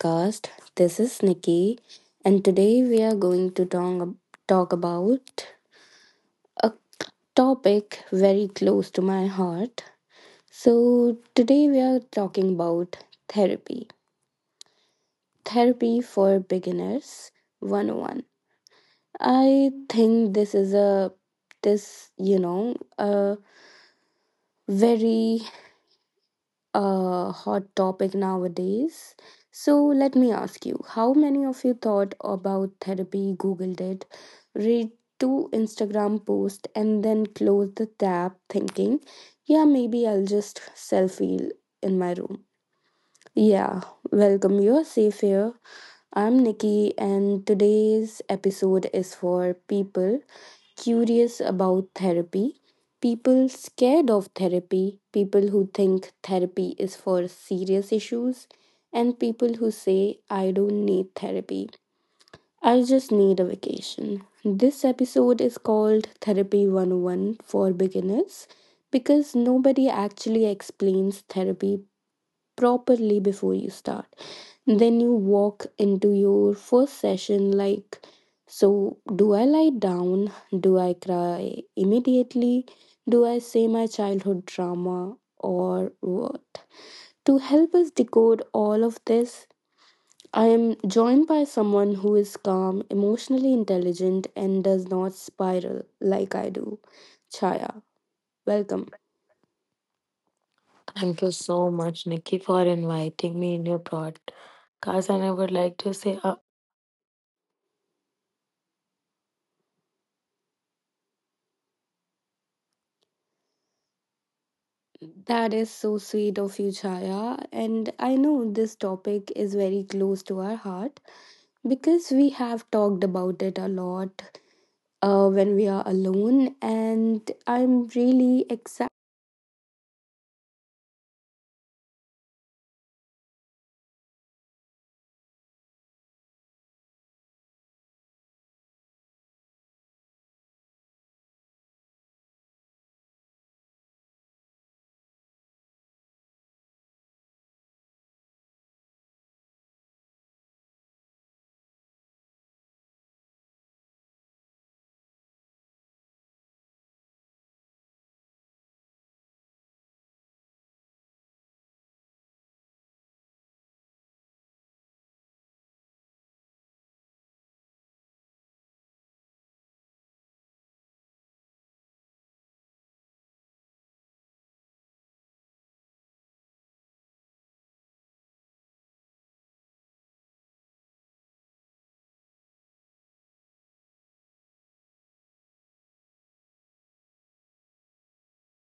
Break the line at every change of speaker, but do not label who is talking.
podcast. This is Nikki and today we are going to talk about a topic very close to my heart. So today we are talking about therapy. Therapy for beginners 101. I think this is a this you know a very A hot topic nowadays. So let me ask you, how many of you thought about therapy, googled it, read two Instagram posts, and then closed the tab thinking, yeah, maybe I'll just self heal in my room? Yeah, welcome. You're safe here. I'm Nikki, and today's episode is for people curious about therapy, people scared of therapy, people who think therapy is for serious issues, and people who say, I don't need therapy. I just need a vacation. This episode is called Therapy 101 for beginners because nobody actually explains therapy properly before you start. Then you walk into your first session like, so do I lie down? Do I cry immediately? Do I say my childhood drama or what? To help us decode all of this, I am joined by someone who is calm, emotionally intelligent, and does not spiral like I do. Chaya, welcome.
Thank you so much, Nikki, for inviting me in your podcast. And I would like to say a
That is so sweet of you, Chaya. And I know this topic is very close to our heart because we have talked about it a lot when we are alone, and I'm really excited